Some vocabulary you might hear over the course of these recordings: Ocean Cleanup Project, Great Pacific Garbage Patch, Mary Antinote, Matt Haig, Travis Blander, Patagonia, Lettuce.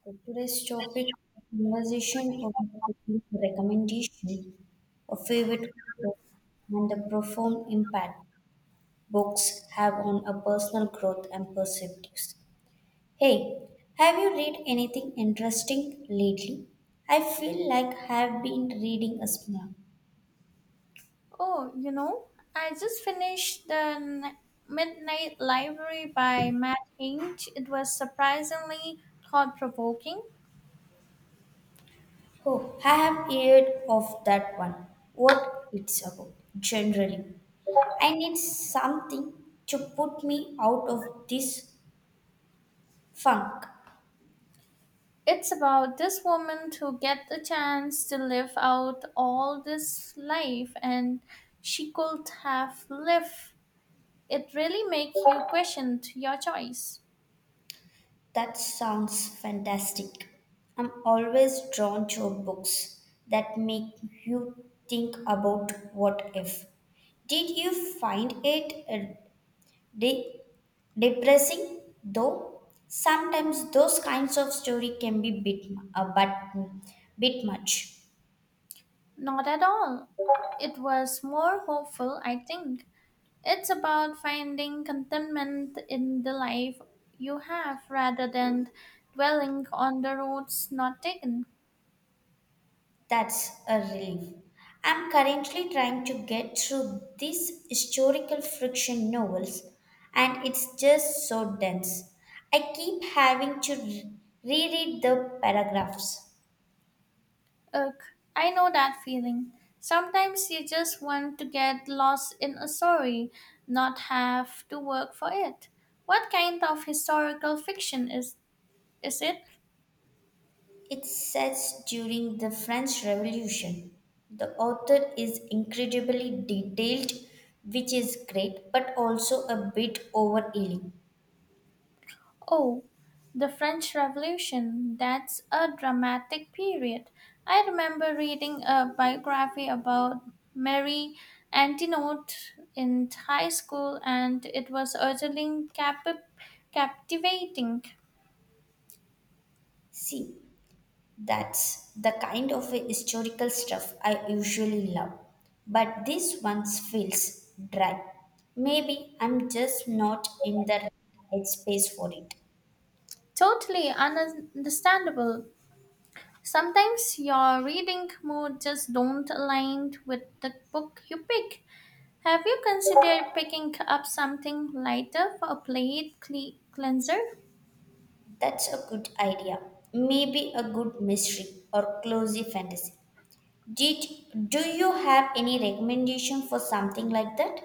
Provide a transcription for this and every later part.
Okay, today's topic conversation of recommendation, a favorite book, and the profound impact books have on a personal growth and perspectives. Hey, have you read anything interesting lately? I feel like I have been reading a small. Oh, you know, I just finished the Midnight Library by Matt Haig. It was surprisingly thought provoking. Oh, I have heard of that one. What it's about, generally. I need something to put me out of this funk. It's about this woman who get the chance to live out all this life and she could have lived. It really makes you question your choice. That sounds fantastic. I'm always drawn to books that make you think about what if. Did you find it de- depressing though? Sometimes those kinds of story can be bit a but bit much. Not at all. It was more hopeful, I think. It's about finding contentment in the life you have rather than dwelling on the roads not taken. That's a relief. I'm currently trying to get through these historical fiction novels, and it's just so dense. I keep having to reread the paragraphs. Ugh, I know that feeling. Sometimes you just want to get lost in a story, not have to work for it. What kind of historical fiction is it? It says during the French Revolution. The author is incredibly detailed, which is great, but also a bit overhealing. Oh, the French Revolution. That's a dramatic period. I remember reading a biography about Mary Antinote in high school, and it was utterly captivating. See, that's the kind of a historical stuff I usually love. But this one feels dry. Maybe I'm just not in the right space for it. Totally understandable. Sometimes your reading mood just don't align with the book you pick. Have you considered picking up something lighter for a plate cleanser? That's a good idea. Maybe a good mystery or cozy fantasy. Did Do you have any recommendation for something like that?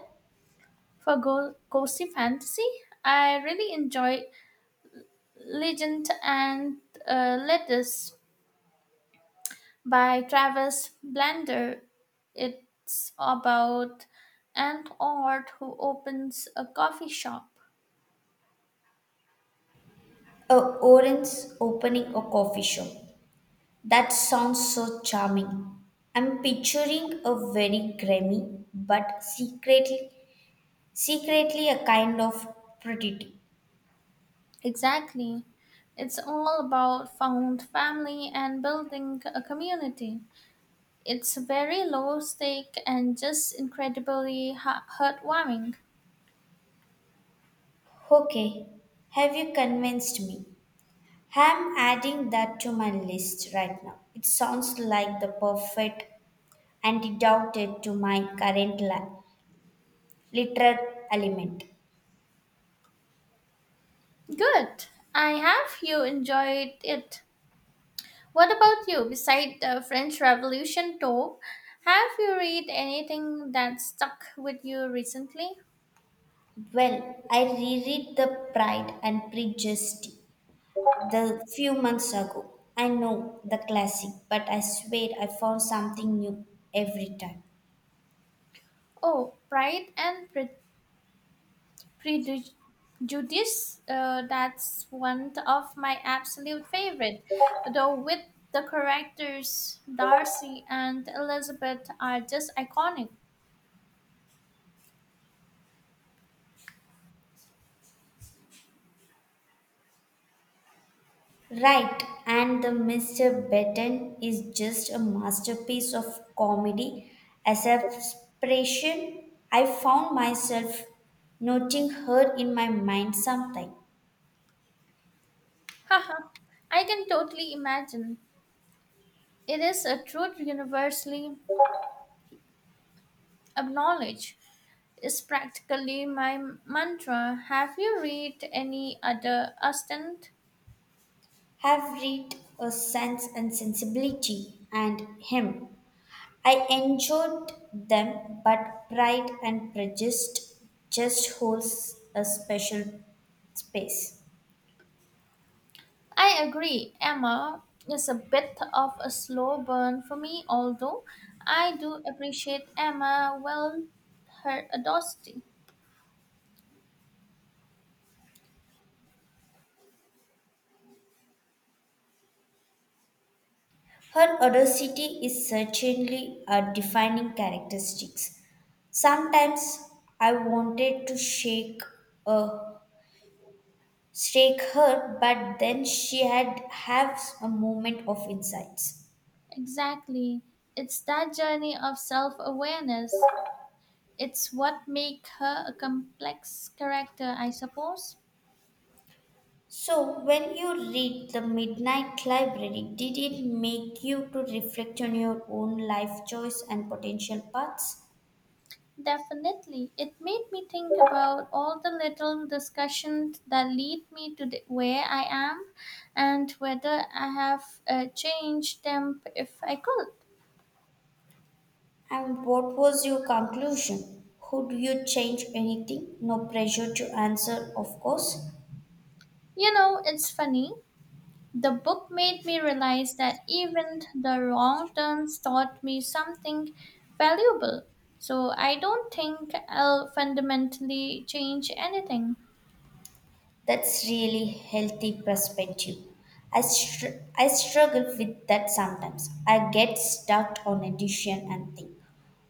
For cozy fantasy, I really enjoy Legend and Lettuce by Travis Blander. It's about an art who opens a coffee shop. A orange opening a coffee shop. That sounds so charming. I'm picturing a very grimy but secretly a kind of oddity. Exactly. It's all about found family and building a community. It's very low stake and just incredibly heartwarming. Okay, have you convinced me? I'm adding that to my list right now. It sounds like the perfect antidote to my current literary element. Good. I have you enjoyed it. What about you? Beside the French Revolution talk, have you read anything that stuck with you recently? Well, I reread The Pride and Prejudice the few months ago. I know the classic, but I swear I found something new every time. Oh, Prejudice. That's one of my absolute favorite. Though with the characters Darcy and Elizabeth are just iconic. Right, and the Mr. Betten is just a masterpiece of comedy. As a expression, I found myself noting her in my mind sometime. Haha, I can totally imagine. It is a truth universally acknowledged. Is practically my mantra. Have you read any other Austen? Have read a sense and sensibility and him. I enjoyed them, but Pride and Prejudice just holds a special space. I agree, Emma is a bit of a slow burn for me, although I do appreciate Emma well her audacity. Her audacity is certainly a defining characteristic. Sometimes I wanted to a shake her, but then she had have a moment of insights. Exactly. It's that journey of self-awareness. It's what makes her a complex character, I suppose. So when you read the Midnight Library, did it make you to reflect on your own life choice and potential paths? Definitely. It made me think about all the little discussions that lead me to the, where I am and whether I have changed them if I could. And what was your conclusion? Would you change anything? No pressure to answer, of course. You know, it's funny. The book made me realize that even the wrong turns taught me something valuable. So I don't think I'll fundamentally change anything. That's really healthy perspective. I struggle with that sometimes. I get stuck on a decision and think,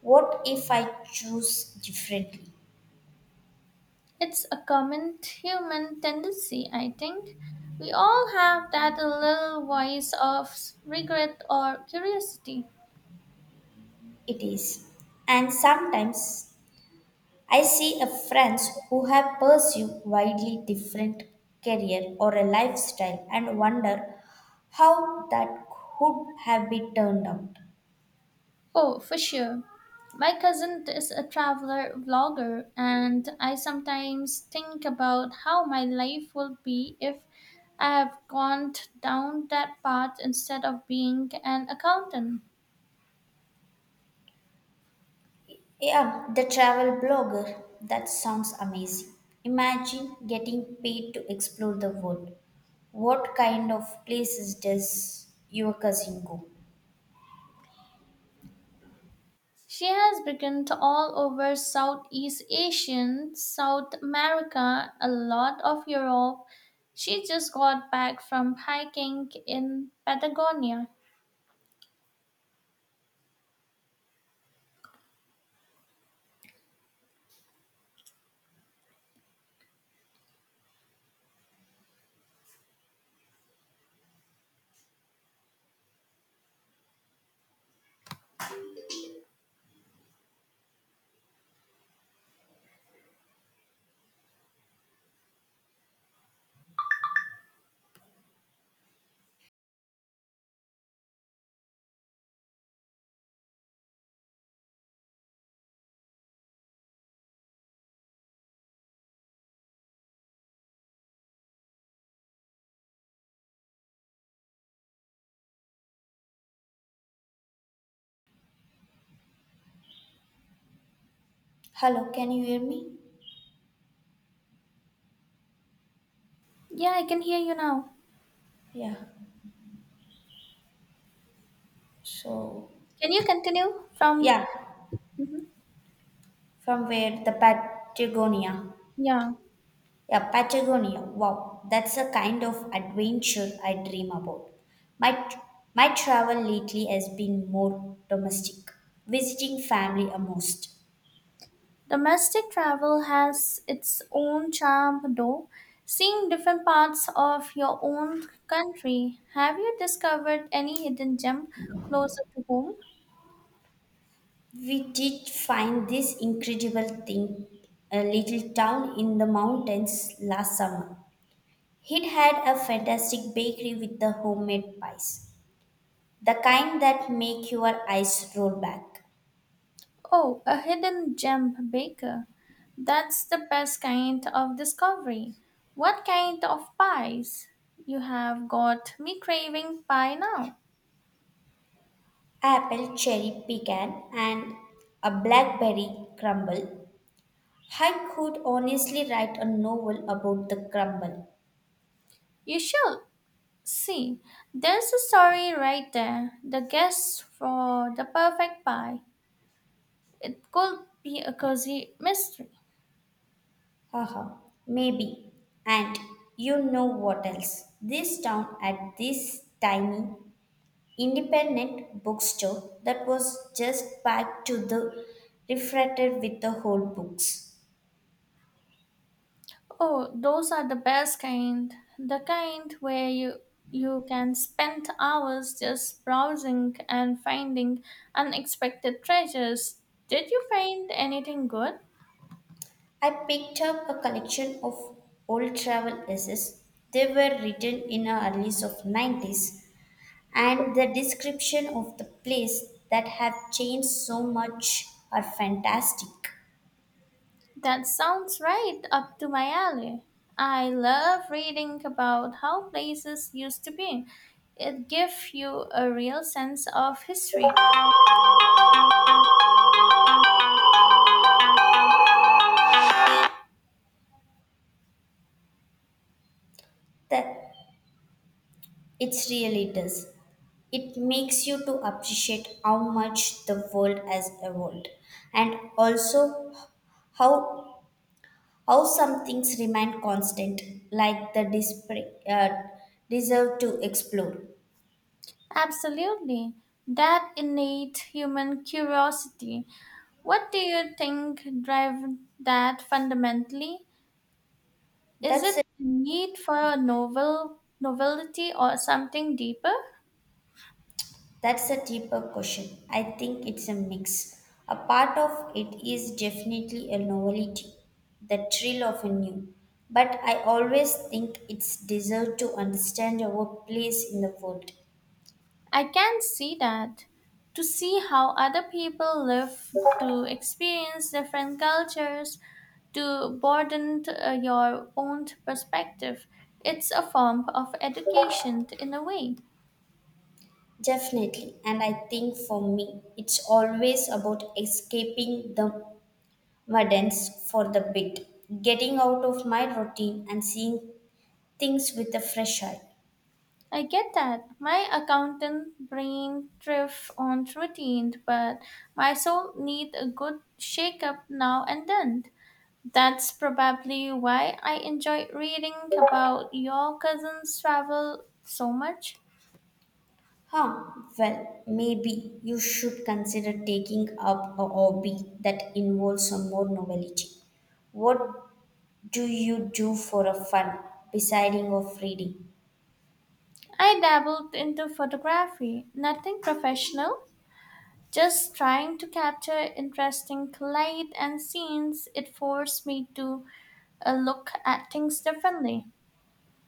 what if I choose differently? It's a common human tendency, I think. We all have that little voice of regret or curiosity. It is. And sometimes I see a friends who have pursued widely different career or a lifestyle and wonder how that could have been turned out. Oh, for sure. My cousin is a traveler vlogger, and I sometimes think about how my life would be if I have gone down that path instead of being an accountant. Yeah, the travel blogger. That sounds amazing. Imagine getting paid to explore the world. What kind of places does your cousin go? She has begun to all over Southeast Asian, South America, a lot of Europe. She just got back from hiking in Patagonia. Hello, can you hear me? Yeah, I can hear you now. Yeah. So, Can you continue from? yeah, Mhm. from where? The Patagonia. Yeah. Yeah, Patagonia. Wow, that's a kind of adventure I dream about. My my travel lately has been more domestic, visiting family almost. Domestic travel has its own charm, though. Seeing different parts of your own country, have you discovered any hidden gem closer to home? We did find this incredible thing, a little town in the mountains last summer. It had a fantastic bakery with the homemade pies, the kind that make your eyes roll back. Oh, a hidden gem baker. That's the best kind of discovery. What kind of pies? You have got me craving pie now. Apple, cherry, pecan, and a blackberry crumble. I could honestly write a novel about the crumble. You shall see. There's a story right there. The guess for the perfect pie. It could be a cozy mystery. Haha, maybe. And you know what else? This town at this tiny independent bookstore that was just packed to the refracted with the whole books. Oh, those are the best kind. The kind where you can spend hours just browsing and finding unexpected treasures. Did you find anything good? I picked up a collection of old travel essays. They were written in the early of 90s and the description of the place that have changed so much are fantastic. That sounds right up to my alley. I love reading about how places used to be. It gives you a real sense of history. That it really does. It makes you to appreciate how much the world has evolved and also how how some things remain constant, like the deserve to explore. Absolutely. That innate human curiosity. What do you think drive that fundamentally? Is That's it a, the need for a novelty or something deeper? that's a deeper question. I think it's a mix. A part of it is definitely a novelty, the thrill of a new. But I always think it's deserve to understand our place in the world. I can see that. To see how other people live, to experience different cultures, to broaden your own perspective. It's a form of education in a way. Definitely, and I think for me, it's always about escaping the Verdance for the bit, getting out of my routine and seeing things with a fresh eye. I get that. My accountant brain thrives on routine, but my soul needs a good shake-up now and then. That's probably why I enjoy reading about your cousin's travel so much. Huh, well, maybe you should consider taking up a hobby that involves some more novelty. What do you do for a fun, besides of reading? I dabbled into photography, nothing professional, just trying to capture interesting light and scenes. It forced me to look at things differently.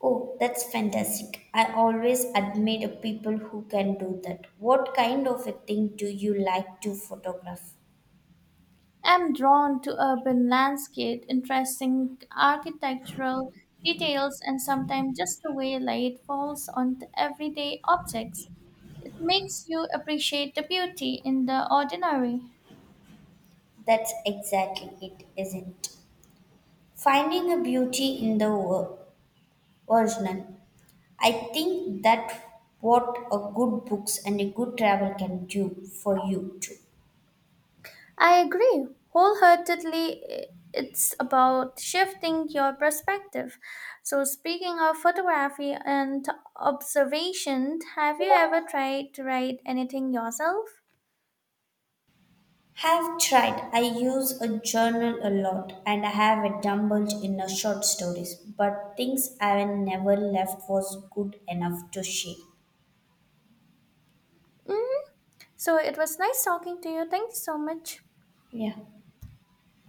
Oh, that's fantastic. I always admire people who can do that. What kind of a thing do you like to photograph? I am drawn to urban landscape, interesting architectural details, and sometimes just the way light falls on the everyday objects. It makes you appreciate the beauty in the ordinary. That's exactly it, isn't it? Finding a beauty in the original. I think that what a good books and a good travel can do for you too. I agree wholeheartedly. It's about shifting your perspective. So, speaking of photography and observation, have you ever tried to write anything yourself? Have tried, I use a journal a lot and I have a dumbbells in a short stories, but things I have never left was good enough to share. Mm, so, it was nice talking to you. Thank you so much. Yeah.